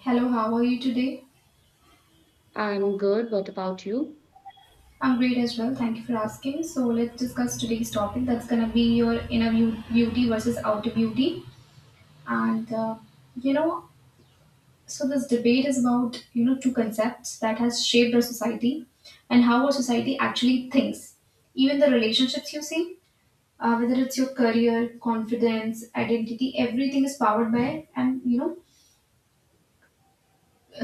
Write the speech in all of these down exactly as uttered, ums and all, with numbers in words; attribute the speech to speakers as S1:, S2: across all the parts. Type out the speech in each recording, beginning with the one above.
S1: Hello, how are you today?
S2: I'm good. What about you?
S1: I'm great as well. Thank you for asking. So let's discuss today's topic. That's gonna be your inner beau- beauty versus outer beauty, and uh, you know, so this debate is about you know two concepts that has shaped our society and how our society actually thinks. Even the relationships you see, uh, whether it's your career, confidence, identity, everything is powered by and you know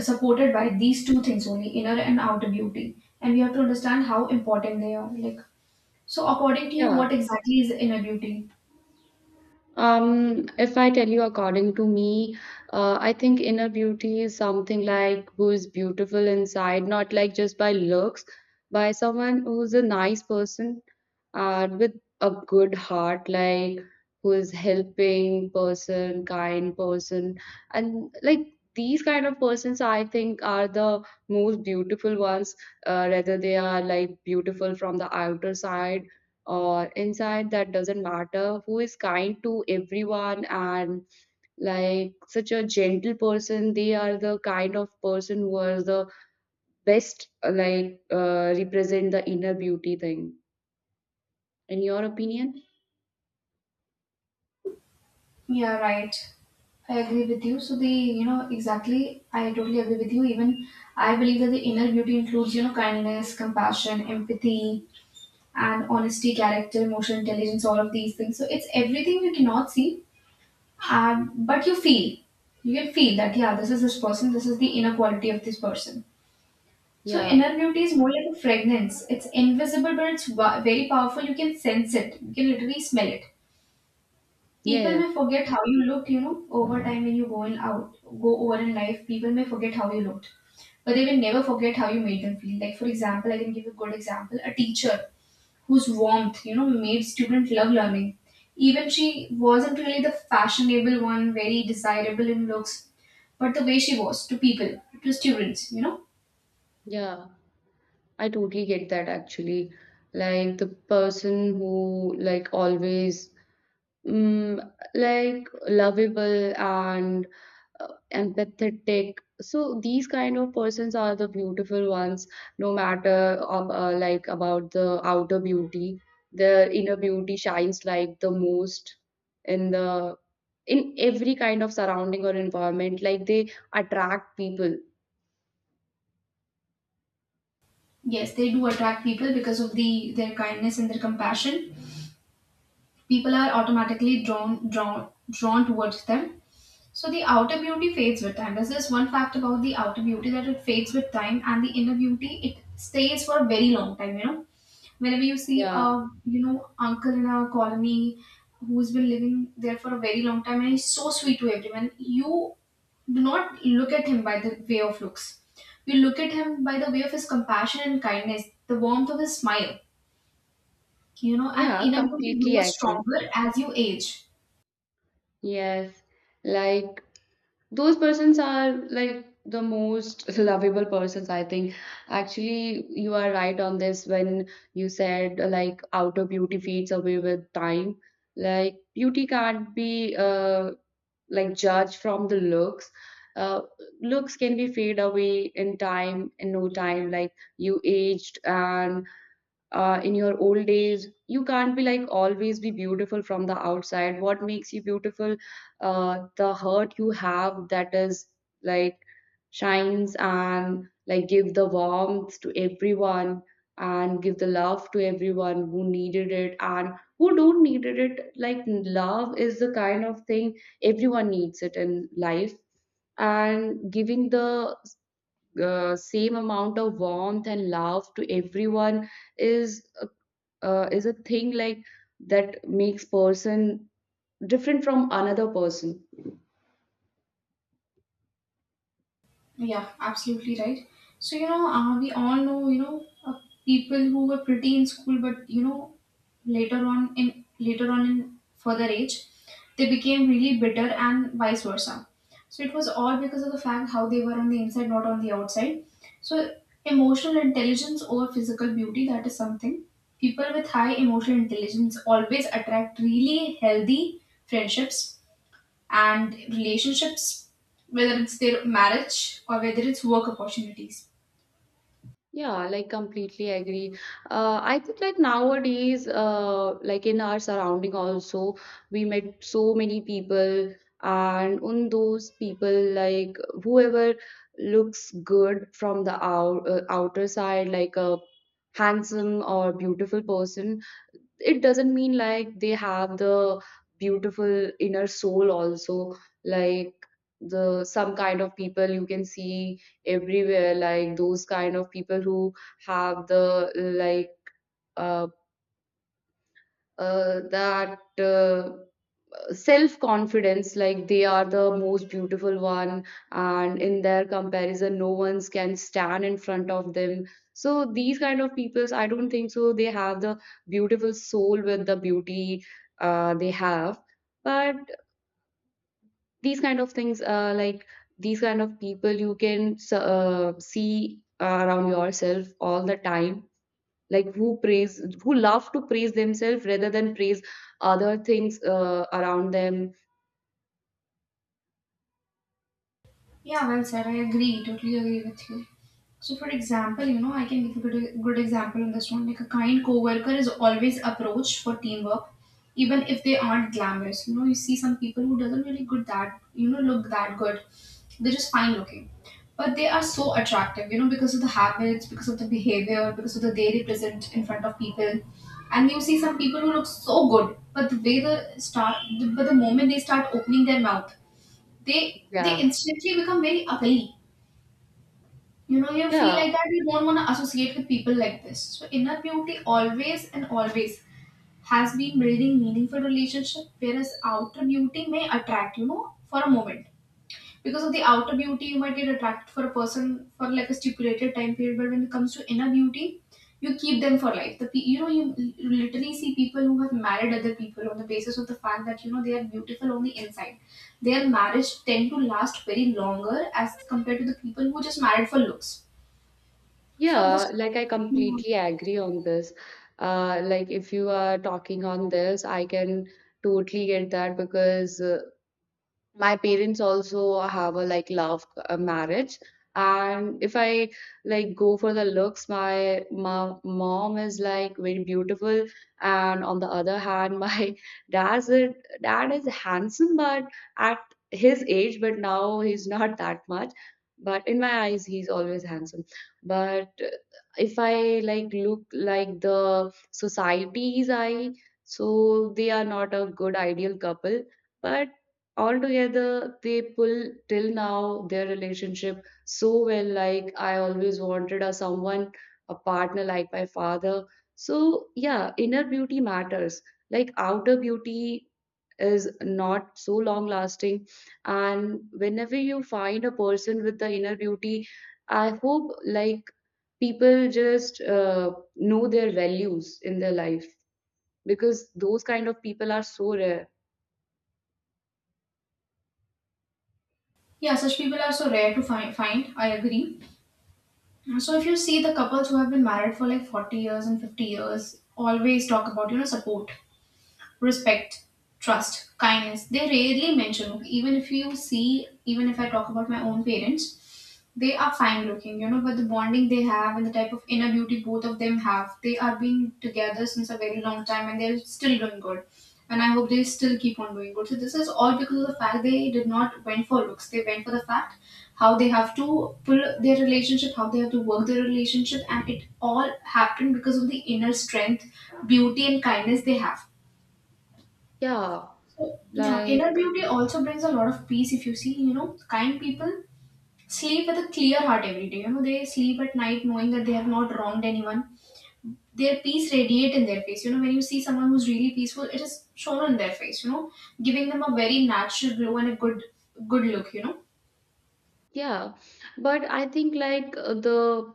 S1: supported by these two things only, inner and outer beauty, and we have to understand how important they are, like, so according to you,
S2: Yeah.
S1: what exactly is inner beauty?
S2: Um, if I tell you according to me, uh, I think inner beauty is something like who is beautiful inside, not like just by looks, by someone who's a nice person, uh, with a good heart, like who is helping person, kind person, and like these kind of persons, I think, are the most beautiful ones. Uh, whether they are like beautiful from the outer side or inside, that doesn't matter. Who is kind to everyone and like such a gentle person, they are the kind of person who are the best, like uh, represent the inner beauty thing in your opinion.
S1: Yeah, right. I agree with you, so the you know exactly, I totally agree with you. Even I believe that the inner beauty includes you know kindness, compassion, empathy, and honesty, character, emotional intelligence, all of these things. So it's everything you cannot see, um, but you feel you can feel that, yeah, this is this person, this is the inner quality of this person. So
S2: Yeah.
S1: inner beauty is more like a fragrance. It's invisible, but it's wa- very powerful. You can sense it. You can literally smell it. People
S2: yeah
S1: may forget how you looked, you know, over time when you go in out, go over in life. People may forget how you looked, but they will never forget how you made them feel. Like, for example, I can give you a good example: a teacher whose warmth, you know, made students love learning. Even she wasn't really the fashionable one, very desirable in looks, but the way she was to people, to students, you know
S2: yeah I totally get that actually. Like the person who like always Mm, like lovable and uh, empathetic. So these kind of persons are the beautiful ones, no matter um, uh, like about the outer beauty. Their inner beauty shines like the most in the in every kind of surrounding or environment. Like they attract people.
S1: Yes, they do attract people because of the their kindness and their compassion. People are automatically drawn drawn drawn towards them. So the outer beauty fades with time. There's this one fact about the outer beauty, that it fades with time, and the inner beauty, it stays for a very long time. You know, whenever you see
S2: Yeah,
S1: a you know uncle in a colony who's been living there for a very long time and he's so sweet to everyone, you do not look at him by the way of looks. You look at him by the way of his compassion and kindness, the warmth of his smile, you know and
S2: yeah,
S1: inner beauty
S2: completely
S1: grows
S2: agree.
S1: stronger as you age.
S2: Yes, like those persons are like the most lovable persons I think. Actually you are right on this when you said like outer beauty fades away with time. Like beauty can't be uh, like judged from the looks. uh, Looks can be fade away in time in no time. Like you aged and uh, in your old age you can't be like always be beautiful from the outside. What makes you beautiful? Uh, the heart you have, that is like shines and like give the warmth to everyone and give the love to everyone who needed it and who don't needed it. Like love is the kind of thing everyone needs it in life, and giving the uh, same amount of warmth and love to everyone is uh, is a thing like that makes person different from another person.
S1: Yeah, absolutely right. So, you know, uh, we all know, you know, uh, people who were pretty in school, but, you know, later on in later on in further age, they became really bitter and vice versa. So it was all because of the fact how they were on the inside, not on the outside. So emotional intelligence over physical beauty, that is something. People with high emotional intelligence always attract really healthy friendships and relationships, whether it's their marriage or whether it's work opportunities.
S2: Yeah, like completely agree. uh, I think like nowadays, uh, like in our surrounding also we met so many people, and on those people, like whoever looks good from the out, uh, outer side, like a handsome or beautiful person, it doesn't mean like they have the beautiful inner soul also. Like the some kind of people you can see everywhere, like those kind of people who have the like uh, uh that uh, self confidence, like they are the most beautiful one, and in their comparison no one's can stand in front of them. So these kind of peoples I don't think so they have the beautiful soul with the beauty uh, they have. But these kind of things, uh, like these kind of people, you can s- uh, see around yourself all the time, like who praise, who love to praise themselves rather than praise other things uh, around them.
S1: Yeah, well said. I agree, totally agree with you. So, for example, you know, I can give a good, good example on this one. Like a kind coworker is always approached for teamwork, even if they aren't glamorous. You know, you see some people who doesn't really good that you know look that good. They're just fine looking, but they are so attractive. You know, because of the habits, because of the behavior, because of the they represent in front of people. And you see some people who look so good, but the way the start, but the moment they start opening their mouth, they they
S2: Yeah.
S1: instantly become very ugly. You know, you feel
S2: Yeah,
S1: like that you don't want to associate with people like this. So inner beauty always and always has been building meaningful relationship, whereas outer beauty may attract, you know, for a moment. Because of the outer beauty, you might get attracted for a person for like a stipulated time period, but when it comes to inner beauty, you keep them for life. The pe- you know you l- literally see people who have married other people on the basis of the fact that you know they are beautiful on the inside. Their marriage tend to last very longer as compared to the people who just married for looks. So
S2: yeah,
S1: this
S2: like I completely agree on this. Uh, like if you are talking on this, I can totally get that, because uh, my parents also have a like love uh, marriage, and if I like go for the looks, my, my mom is like very beautiful, and on the other hand, my dad's a- dad is handsome but at his age. But now he's not that much, but in my eyes he's always handsome. But uh, if I like look like the society's eye, so they are not a good ideal couple. But altogether they pull till now their relationship so well. Like I always wanted a someone, a partner like my father. So yeah, inner beauty matters. Like outer beauty is not so long lasting, and whenever you find a person with the inner beauty, I hope like people just uh, know their values in their life, because those kind of people are so rare.
S1: Yeah, such people are so rare to find. Find, I agree. So if you see the couples who have been married for like forty years and fifty years, always talk about you know support, respect, trust, kindness. They rarely mention, even if you see, even if I talk about my own parents, they are fine looking, you know, but the bonding they have and the type of inner beauty both of them have, they are been together since a very long time and they're still doing good. And I hope they still keep on doing good. So this is all because of the fact they did not went for looks. They went for the fact how they have to pull their relationship, how they have to work their relationship, and it all happened because of the inner strength, beauty, and kindness they have.
S2: yeah
S1: Yeah, inner
S2: like
S1: beauty also brings a lot of peace if you see, you know, kind people sleep with a clear heart every day. You know, they sleep at night knowing that they have not wronged anyone. Their peace radiate in their face. You know, when you see someone who's really peaceful, it is shown in their face, you know, giving them a very natural glow and a good good look, you know.
S2: Yeah, but I think like uh, the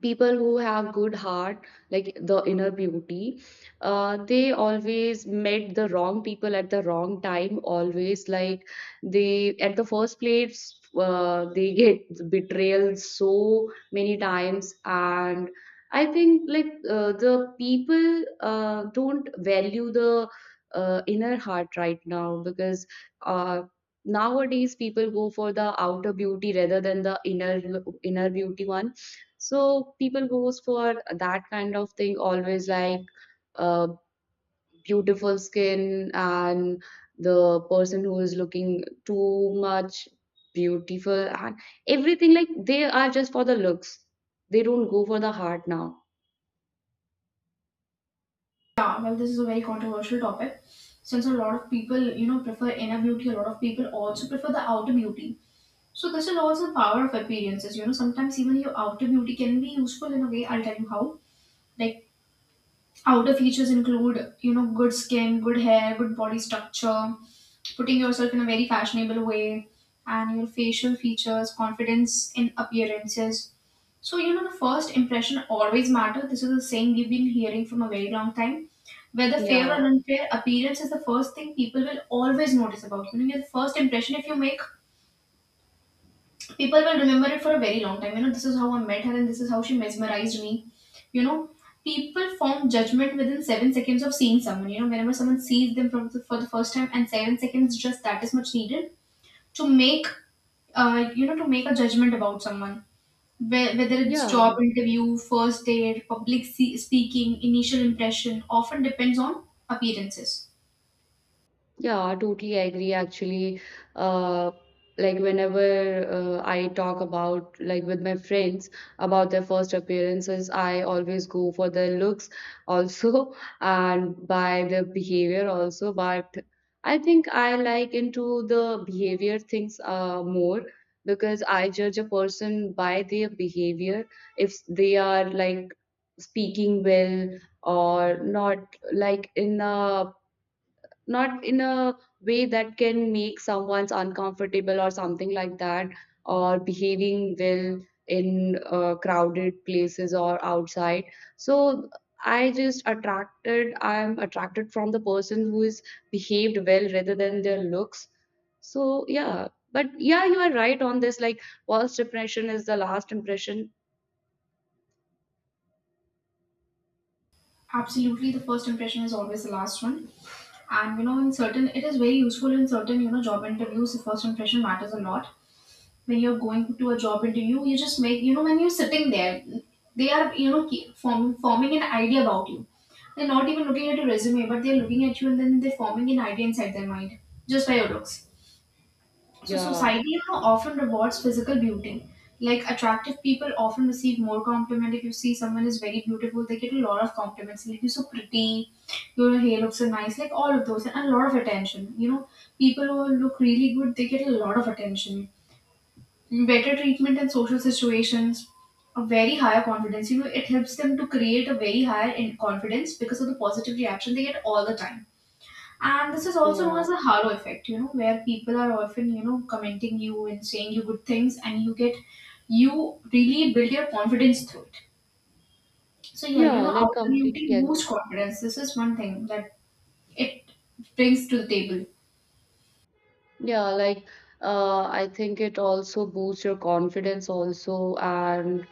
S2: people who have good heart, like the inner beauty, uh, they always met the wrong people at the wrong time. Always like they at the first place, uh, they get betrayal so many times, and I think like uh, the people uh, don't value the uh, inner heart right now because. Uh, Nowadays people go for the outer beauty rather than the inner inner beauty one. So people goes for that kind of thing always, like uh, beautiful skin and the person who is looking too much beautiful and everything, like they are just for the looks. They don't go for the heart now.
S1: Yeah, well, this is a very controversial topic. Since a lot of people, you know, prefer inner beauty, a lot of people also prefer the outer beauty. So this is also the power of appearances. You know, sometimes even your outer beauty can be useful in a way. I'll tell you how. Like, outer features include, you know, good skin, good hair, good body structure, putting yourself in a very fashionable way, and your facial features, confidence in appearances. So, you know, the first impression always matter. This is a saying we've been hearing from a very long time. Whether fair or
S2: Yeah
S1: unfair, appearance is the first thing people will always notice about you. You know, your first impression, if you make, people will remember it for a very long time. You know, this is how I met her and this is how she mesmerized me. You know, People form judgment within seven seconds of seeing someone. You know, whenever someone sees them from the, for the first time, and seven seconds, just that is much needed to make, uh, you know, to make a judgment about someone. Whe- Whether it's job
S2: yeah.
S1: interview, first date, public se- speaking, initial impression, often depends on appearances.
S2: Yeah, totally agree. Actually, uh, like whenever uh, I talk about like with my friends about their first appearances, I always go for their looks also and by their behavior also. But I think I like into the behavior things uh, more, because I judge a person by their behavior, if they are like speaking well or not, like in a not in a way that can make someone's uncomfortable or something like that, or behaving well in uh, crowded places or outside. So I just attracted, I'm attracted from the person who is behaved well rather than their looks. So yeah, but yeah, you are right on this. Like first impression is the last impression.
S1: Absolutely, the first impression is always the last one. And, you know, in certain, it is very useful in certain, you know, job interviews. The first impression matters a lot. When you're going to a job interview, you just make, you know, when you're sitting there, they are, you know, keep form, forming an idea about you. They're not even looking at your resume, but they're looking at you and then they're forming an idea inside their mind just by your looks. So
S2: Yeah,
S1: society, you know, often rewards physical beauty. Like, attractive people often receive more compliment. If you see someone is very beautiful, they get a lot of compliments. Like, you're so pretty, your hair looks so nice, like all of those, and a lot of attention. You know, people who look really good, they get a lot of attention. Better treatment in social situations, a very higher confidence. You know, it helps them to create a very higher in confidence because of the positive reaction they get all the time, and this is also known as
S2: yeah,
S1: the halo effect, you know, where people are often, you know, commenting you and saying you good things and you get, you really build your confidence through it. So yeah, you
S2: yeah.
S1: know,
S2: Like
S1: outer beauty
S2: completely agree.
S1: boosts confidence. This is one thing that it brings to the table.
S2: Yeah, like uh, I think it also boosts your confidence also, and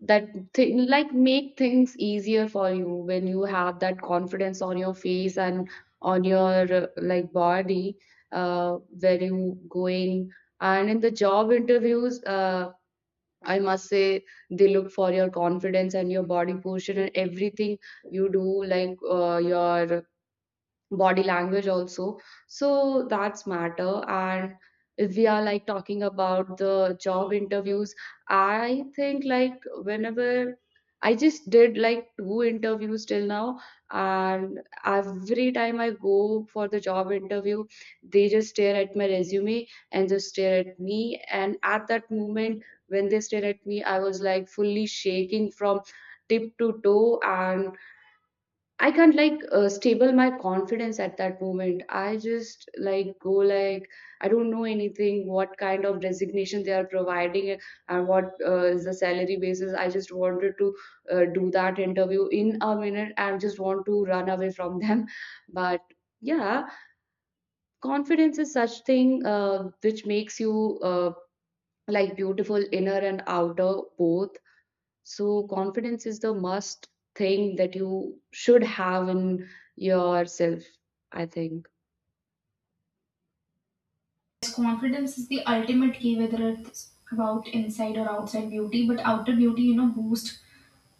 S2: that thing like make things easier for you when you have that confidence on your face and on your uh, like body, uh, where you going. And in the job interviews, uh, I must say, they look for your confidence and your body posture and everything you do, like uh, your body language also. So that's matter. And if we are like talking about the job interviews, I think like whenever I just did like two interviews till now, and every time I go for the job interview, they just stare at my resume and just stare at me. And at that moment when they stare at me, I was like fully shaking from tip to toe, and I can't like uh, stable my confidence at that moment. I just like go like I don't know anything. What kind of designation they are providing and what uh, is the salary basis? I just wanted to uh, do that interview in a minute and just want to run away from them. But yeah, confidence is such thing uh, which makes you uh, like beautiful inner and outer both. So, confidence is the must thing that you should have in yourself, I think.
S1: Yes, confidence is the ultimate key, whether it's about inside or outside beauty, but outer beauty, you know, boosts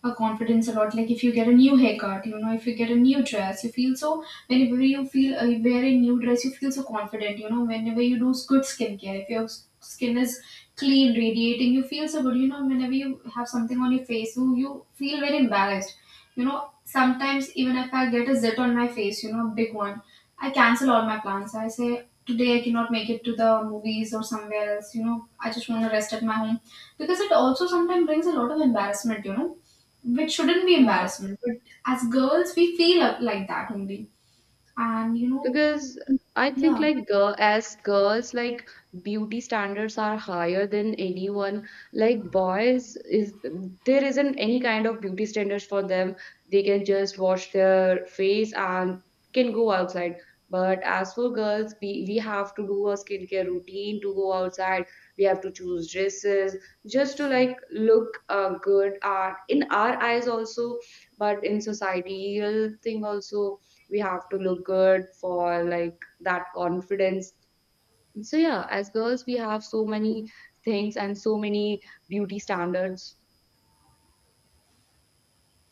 S1: our confidence a lot. Like, if you get a new haircut, you know, if you get a new dress, you feel so. Whenever you feel uh, wear a new dress, you feel so confident. You know, whenever you do good skincare, if your s- skin is clean, radiating, you feel so good. You know, whenever you have something on your face, you you feel very embarrassed. You know, sometimes even if I get a zit on my face, you know, a big one, I cancel all my plans. I say today I cannot make it to the movies or somewhere else. You know, I just want to rest at my home because it also sometimes brings a lot of embarrassment. You know, which shouldn't be
S2: Yeah.
S1: embarrassment, but as girls we feel up like that only and you know.
S2: Because I think
S1: yeah
S2: like girl as girls like beauty standards are higher than anyone. Like boys is there isn't any kind of beauty standards for them. They can just wash their face and can go outside. But as for girls, we, we have to do a skincare routine to go outside. We have to choose dresses just to like look uh, good uh, in our eyes also, but in societal thing also we have to look good for like that confidence. So yeah, as girls we have so many things and so many beauty standards.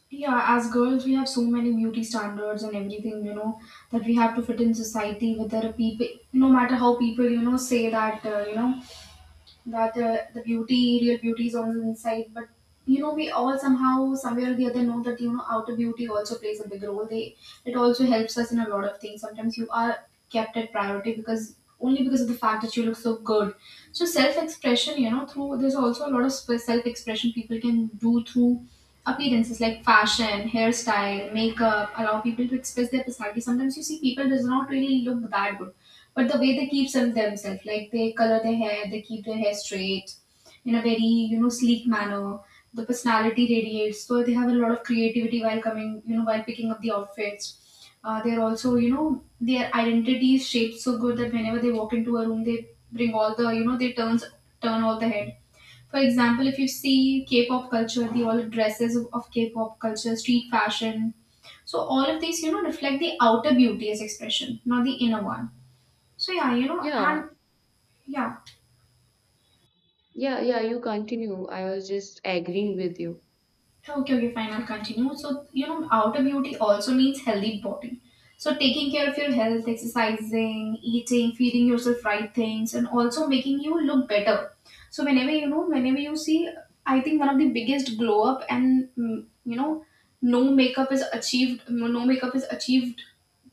S1: yeah as girls we have so many beauty standards and everything, you know, that we have to fit in society. Whether people, no matter how people, you know, say that uh, you know, that uh, the beauty, real beauty is on the inside. But you know, we all somehow, somewhere or the other, know that you know outer beauty also plays a big role. They It also helps us in a lot of things. Sometimes you are kept at priority because, only because of the fact that you look so good. So self expression, you know, through, there's also a lot of self expression people can do through appearances like fashion, hairstyle, makeup, allow people to express their personality. Sometimes you see people does not really look that good, but the way they keep them themselves, like they color their hair, they keep their hair straight in a very, you know, sleek manner. The personality radiates, so they have a lot of creativity while coming, you know, while picking up the outfits. Uh, they're also, you know, their identity is shaped so good that whenever they walk into a room, they bring all the, you know, they turns turn all the head. For example, if you see K-pop culture, the all dresses of K-pop culture, street fashion, so all of these, you know, reflect the outer beauty as expression, not the inner one. So yeah, you know,
S2: yeah
S1: and yeah,
S2: yeah yeah you continue, I was just agreeing with you.
S1: okay, okay, fine, I'll continue. So you know, outer beauty also means healthy body. So taking care of your health, exercising, eating, feeding yourself right things, and also making you look better. So whenever you know, whenever you see, I think one of the biggest glow up and mm, you know, no makeup is achieved. No makeup is achieved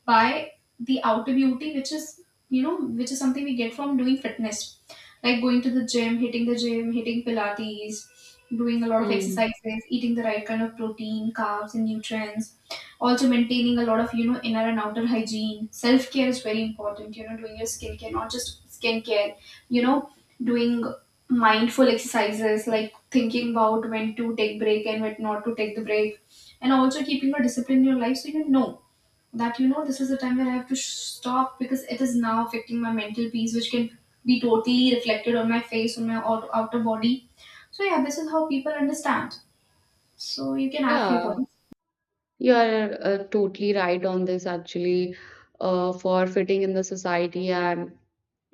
S1: by the outer beauty, which is, you know, which is something we get from doing fitness, like going to the gym, hitting the gym, hitting Pilates, doing a lot of
S2: Mm.
S1: exercises, eating the right kind of protein, carbs, and nutrients. Also maintaining a lot of, you know, inner and outer hygiene. Self care is very important. You know, doing your skincare, not just skincare. You know, doing mindful exercises like thinking about when to take break and when not to take the break, and also keeping a discipline in your life, so you know that you know this is the time where I have to sh- stop because it is now affecting my mental peace, which can be totally reflected on my face, on my out- outer body. So yeah, this is how people understand. So you can add few
S2: Yeah,
S1: points.
S2: you are uh, totally right on this actually. Uh, for fitting in the society and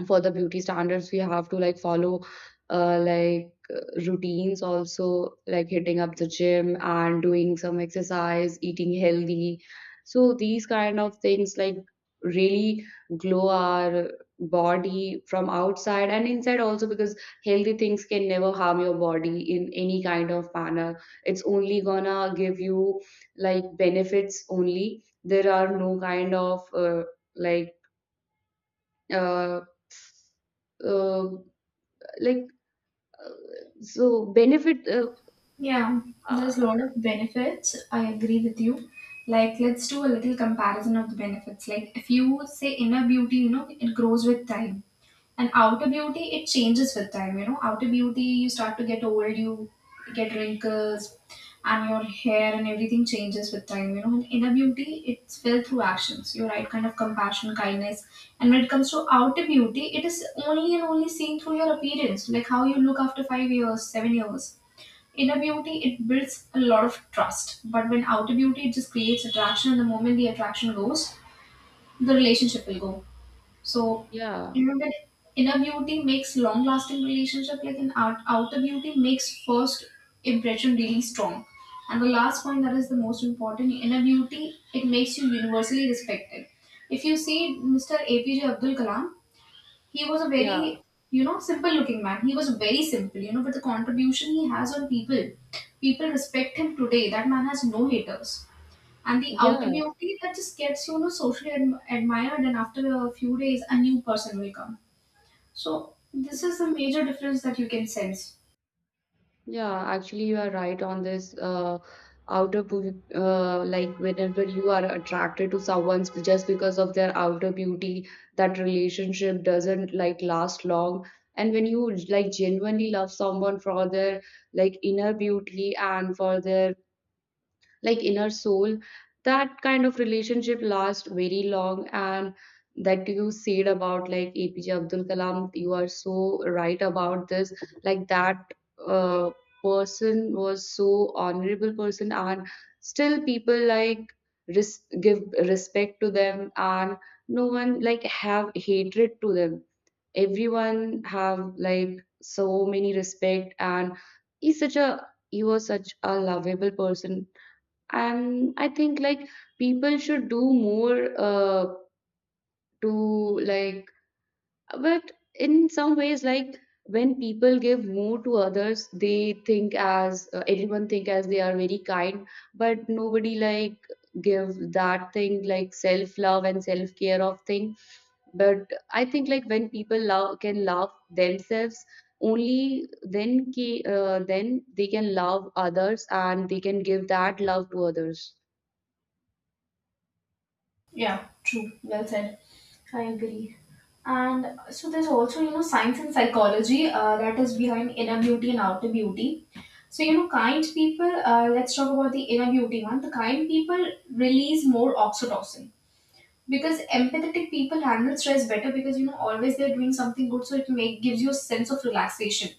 S2: for the beauty standards, we have to like follow uh, like uh, routines also, like hitting up the gym and doing some exercise, eating healthy. So these kind of things like really glow our body from outside and inside also, because healthy things can never harm your body in any kind of manner. It's only gonna give you like benefits only. There are no kind of uh, like uh, uh, like Uh, So benefit, uh,
S1: Yeah, there's
S2: uh,
S1: a lot of benefits. I agree with you. Like, let's do a little comparison of the benefits. Like, if you say inner beauty, you know, it grows with time. And outer beauty, it changes with time. You know, outer beauty, you start to get old, you get wrinkles, and your hair and everything changes with time. You know, and inner beauty, it's felt through actions. You're right, kind of compassion, kindness. And when it comes to outer beauty, it is only and only seen through your appearance, like how you look after five years, seven years. Inner beauty, it builds a lot of trust, but when outer beauty, it just creates attraction, and the moment the attraction goes, the relationship will go. So
S2: yeah,
S1: you know that inner beauty makes long lasting relationship, like an out, outer beauty makes first impression really strong. And the last point that is the most important, inner beauty, it makes you universally respected. If you see Mr. APJ Abdul Kalam, he was a
S2: yeah,
S1: very, you know, simple looking man. He was very simple, you know, but the contribution he has on people, people respect him today. That man has no haters. And the outer
S2: yeah,
S1: beauty, that just gets, you know, socially adm- admired, and after a few days a new person will come. So this is the major difference that you can sense.
S2: yeah. Actually, you are right on this. Uh, outer, beau- uh, like whenever you are attracted to someone just because of their outer beauty, that relationship doesn't like last long. And when you like genuinely love someone for their like inner beauty and for their like inner soul, that kind of relationship lasts very long. And that you said about like A P J Abdul Kalam, you are so right about this. Like that uh, person was so honorable person, and still people like res- give respect to them, and no one like have hatred to them. Everyone have like so many respect, and he's such a he was such a lovable person. And I think like people should do more uh, to like, but in some ways, like when people give more to others, they think as uh, everyone think as they are very kind, but nobody like give that thing like self-love and self-care of thing. But I think like when people love can love themselves, only then ki- uh, then they can love others, and they can give that love to others.
S1: Yeah, true. Well said. I agree. And so there's also, you know, science and psychology uh, that is behind inner beauty and outer beauty. So, you know, kind people, uh, let's talk about the inner beauty one. The kind people release more oxytocin because empathetic people handle stress better because, you know, always they're doing something good. So it make, gives you a sense of relaxation.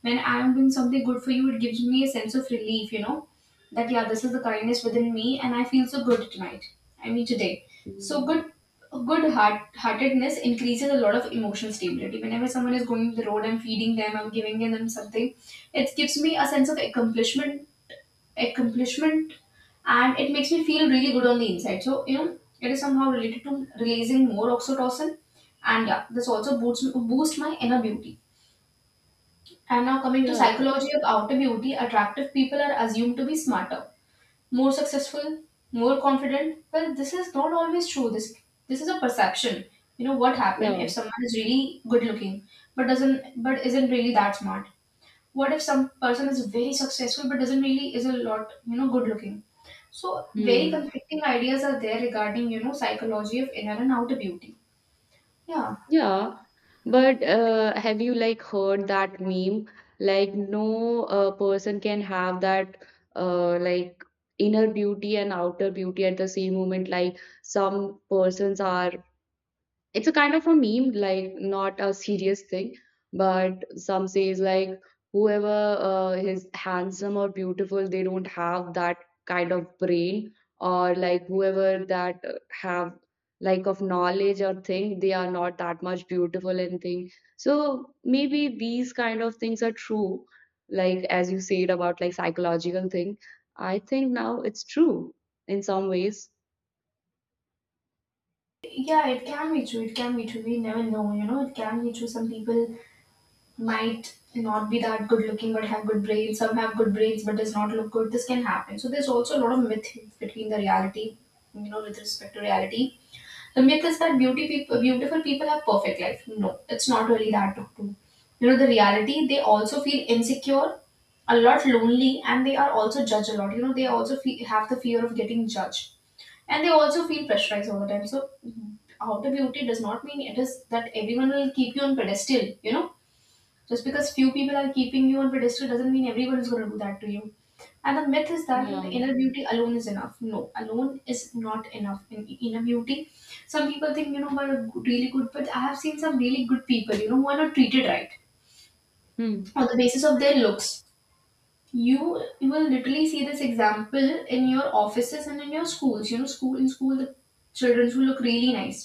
S1: When I'm doing something good for you, it gives me a sense of relief, you know, that yeah, this is the kindness within me, and I feel so good tonight. I mean today. So
S2: Mm.
S1: good, good heart heartedness increases a lot of emotional stability. Whenever someone is going the road, I'm feeding them, I'm giving them something. It gives me a sense of accomplishment, accomplishment, and it makes me feel really good on the inside. So you know, it is somehow related to releasing more oxytocin, and yeah, this also boosts boost my inner beauty. And now coming to
S2: Yeah,
S1: psychology of outer beauty, attractive people are assumed to be smarter, more successful, more confident. Well, this is not always true. This this is a perception. You know what happened if
S2: yeah.
S1: someone is really good looking but doesn't but isn't really that smart? What if some person is very successful but doesn't really is a lot, you know, good looking? So very
S2: Hmm.
S1: conflicting ideas are there regarding, you know, psychology of inner and outer beauty. Yeah.
S2: Yeah. But uh, have you like heard that meme? Like no uh, person can have that uh, like inner beauty and outer beauty at the same moment. Like some persons are it's a kind of a meme, like not a serious thing, but some says like whoever uh, is handsome or beautiful, they don't have that kind of brain, or like whoever that uh, have like of knowledge or thing, they are not that much beautiful and thing. So maybe these kind of things are true, like as you said about like psychological thing, I think now it's true in some ways.
S1: yeah it can be true, it can be true we never know, you know, it can be true. Some people might not be that good looking but have good brains. Some have good brains but does not look good. This can happen. So there's also a lot of myth between the reality, you know, with respect to reality. The myth is that beauty people, beautiful people have perfect life. No, it's not really that true. You know, the reality, they also feel insecure, a lot lonely, and they are also judged a lot. You know, they also fe- have the fear of getting judged. And they also feel pressurized all the time. So outer beauty does not mean it is that everyone will keep you on pedestal, you know, just because few people are keeping you on pedestal doesn't mean everyone is going to do that to you. And the myth is that you know
S2: Yeah.
S1: inner beauty alone is enough. No, alone is not enough in inner beauty. Some people think you know we're really good, but I have seen some really good people, you know, who are not treated right
S2: Hmm.
S1: on the basis of their looks. You you will literally see this example in your offices and in your schools. You know, school in school, the children who look really nice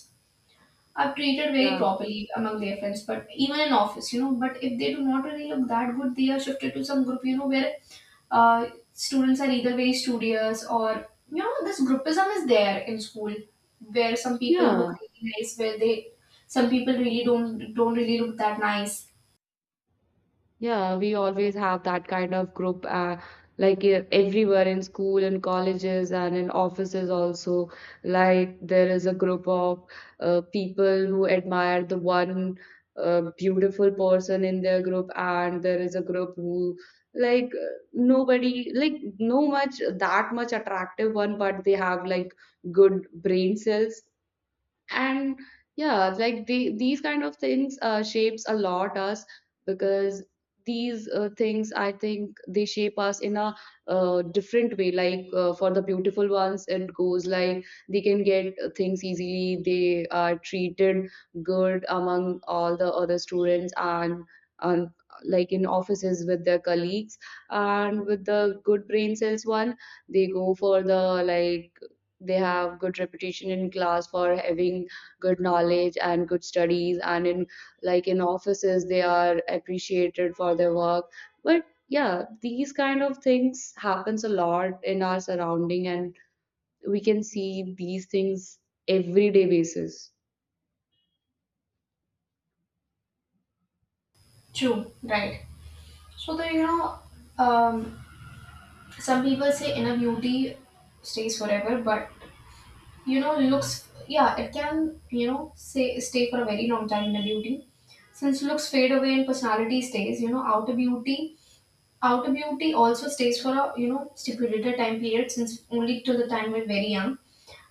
S1: are treated very
S2: Yeah,
S1: properly among their friends, but even in office, you know. But if they do not really look that good, they are shifted to some group, you know, where uh, students are either very studious, or you know, this groupism is there in school, where some people look
S2: yeah.
S1: really nice, where they, some people really don't don't really look that nice.
S2: Yeah, we always have that kind of group, uh, like e- everywhere in school and colleges and in offices also. Like there is a group of uh, people who admire the one uh, beautiful person in their group, and there is a group who like uh, nobody like no much that much attractive one, but they have like good brain cells. And yeah, like the, these kind of things uh, shapes a lot us, because these uh, things I think they shape us in a uh, different way. Like uh, for the beautiful ones it goes like they can get things easily, they are treated good among all the other students, and and like in offices with their colleagues, and with the good brain cells one, they go for the like they have good reputation in class for having good knowledge and good studies, and in like in offices they are appreciated for their work. But yeah, these kind of things happens a lot in our surrounding, and we can see these things everyday basis.
S1: True, right? So the you know, um, some people say inner beauty stays forever, but you know looks, yeah, it can, you know, say stay for a very long time in a beauty, since looks fade away and personality stays. You know, outer beauty outer beauty also stays for a, you know, stipulated time period, since only till the time we're very young.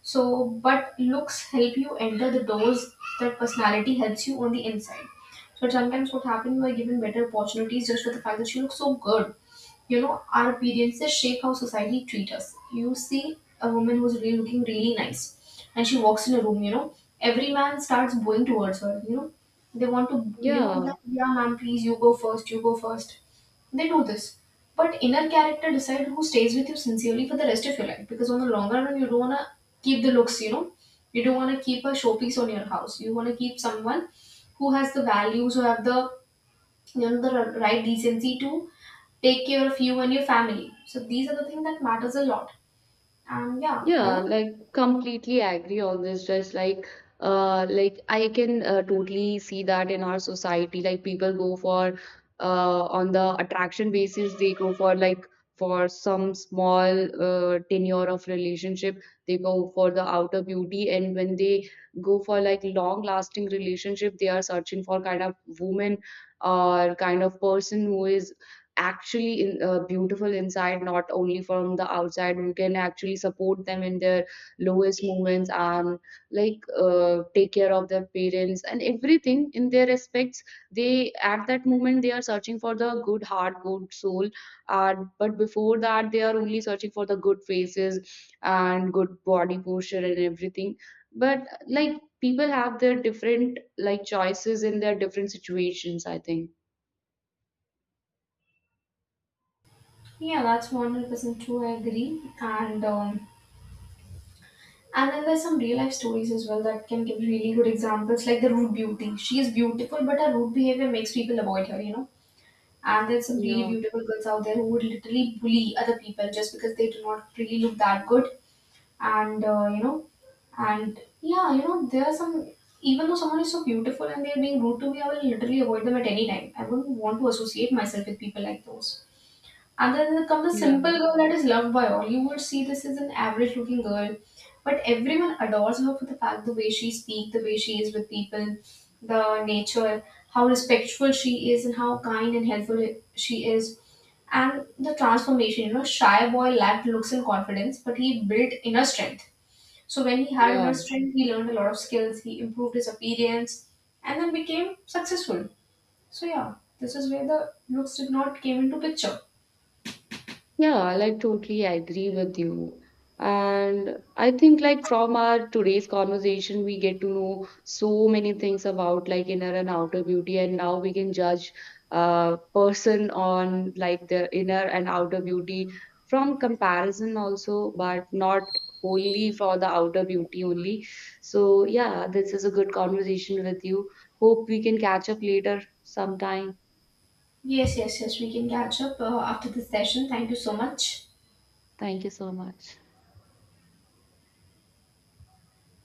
S1: So but looks help you enter the doors, that personality helps you on the inside. So sometimes what happens, you are given better opportunities just for the fact that she looks so good. You know, our appearances shape how society treat us. You see a woman who's really looking really nice and she walks in a room, you know, every man starts going towards her. You know, they want to, you know,
S2: Yeah,
S1: like, yeah, ma'am, please, you go first, you go first. They do this. But inner character decide who stays with you sincerely for the rest of your life, because on the longer run, you don't want to keep the looks, you know. You don't want to keep a showpiece on your house. You want to keep someone who has the values, who have the, you know, the right decency to take care of you and your family. So these are the things that matters a lot. And yeah, you
S2: Yeah,
S1: know,
S2: like completely agree on this. Just like, uh, like I can uh, totally see that in our society, like people go for, uh, on the attraction basis, they go for like for some small uh, tenure of relationship, they go for the outer beauty. And when they go for like long lasting relationship, they are searching for kind of woman or kind of person who is actually in, uh, beautiful inside, not only from the outside. We can actually support them in their lowest moments and like uh, take care of their parents and everything in their respects. They at that moment they are searching for the good heart, good soul, and but before that they are only searching for the good faces and good body posture and everything. But like people have their different like choices in their different situations, I think.
S1: yeah, that's one hundred percent true, I agree. And um and then there's some real life stories as well that can give really good examples, like the rude beauty. She is beautiful, but her rude behavior makes people avoid her, you know. And there's some really
S2: Yeah.
S1: beautiful girls out there who would literally bully other people just because they do not really look that good. And uh, you know, and yeah, you know, there are some, even though someone is so beautiful and they're being rude to me, I will literally avoid them at any time. I wouldn't want to associate myself with people like those. And then there comes a
S2: Yeah.
S1: simple girl that is loved by all. You would see this is an average looking girl, but everyone adores her for the fact, the way she speaks, the way she is with people, the nature, how respectful she is, and how kind and helpful she is. And the transformation, you know, shy boy lacked looks and confidence, but he built inner strength. So when he had
S2: Yeah.
S1: inner strength, he learned a lot of skills, he improved his appearance, and then became successful. So yeah, this is where the looks did not came into picture.
S2: Yeah, like totally agree with you. And I think like from our today's conversation, we get to know so many things about like inner and outer beauty, and now we can judge a person on like their inner and outer beauty from comparison also, but not only for the outer beauty only. So yeah, this is a good conversation with you. Hope we can catch up later sometime.
S1: Yes, yes, yes. We can catch up uh, after this session. Thank you so much.
S2: Thank you so much.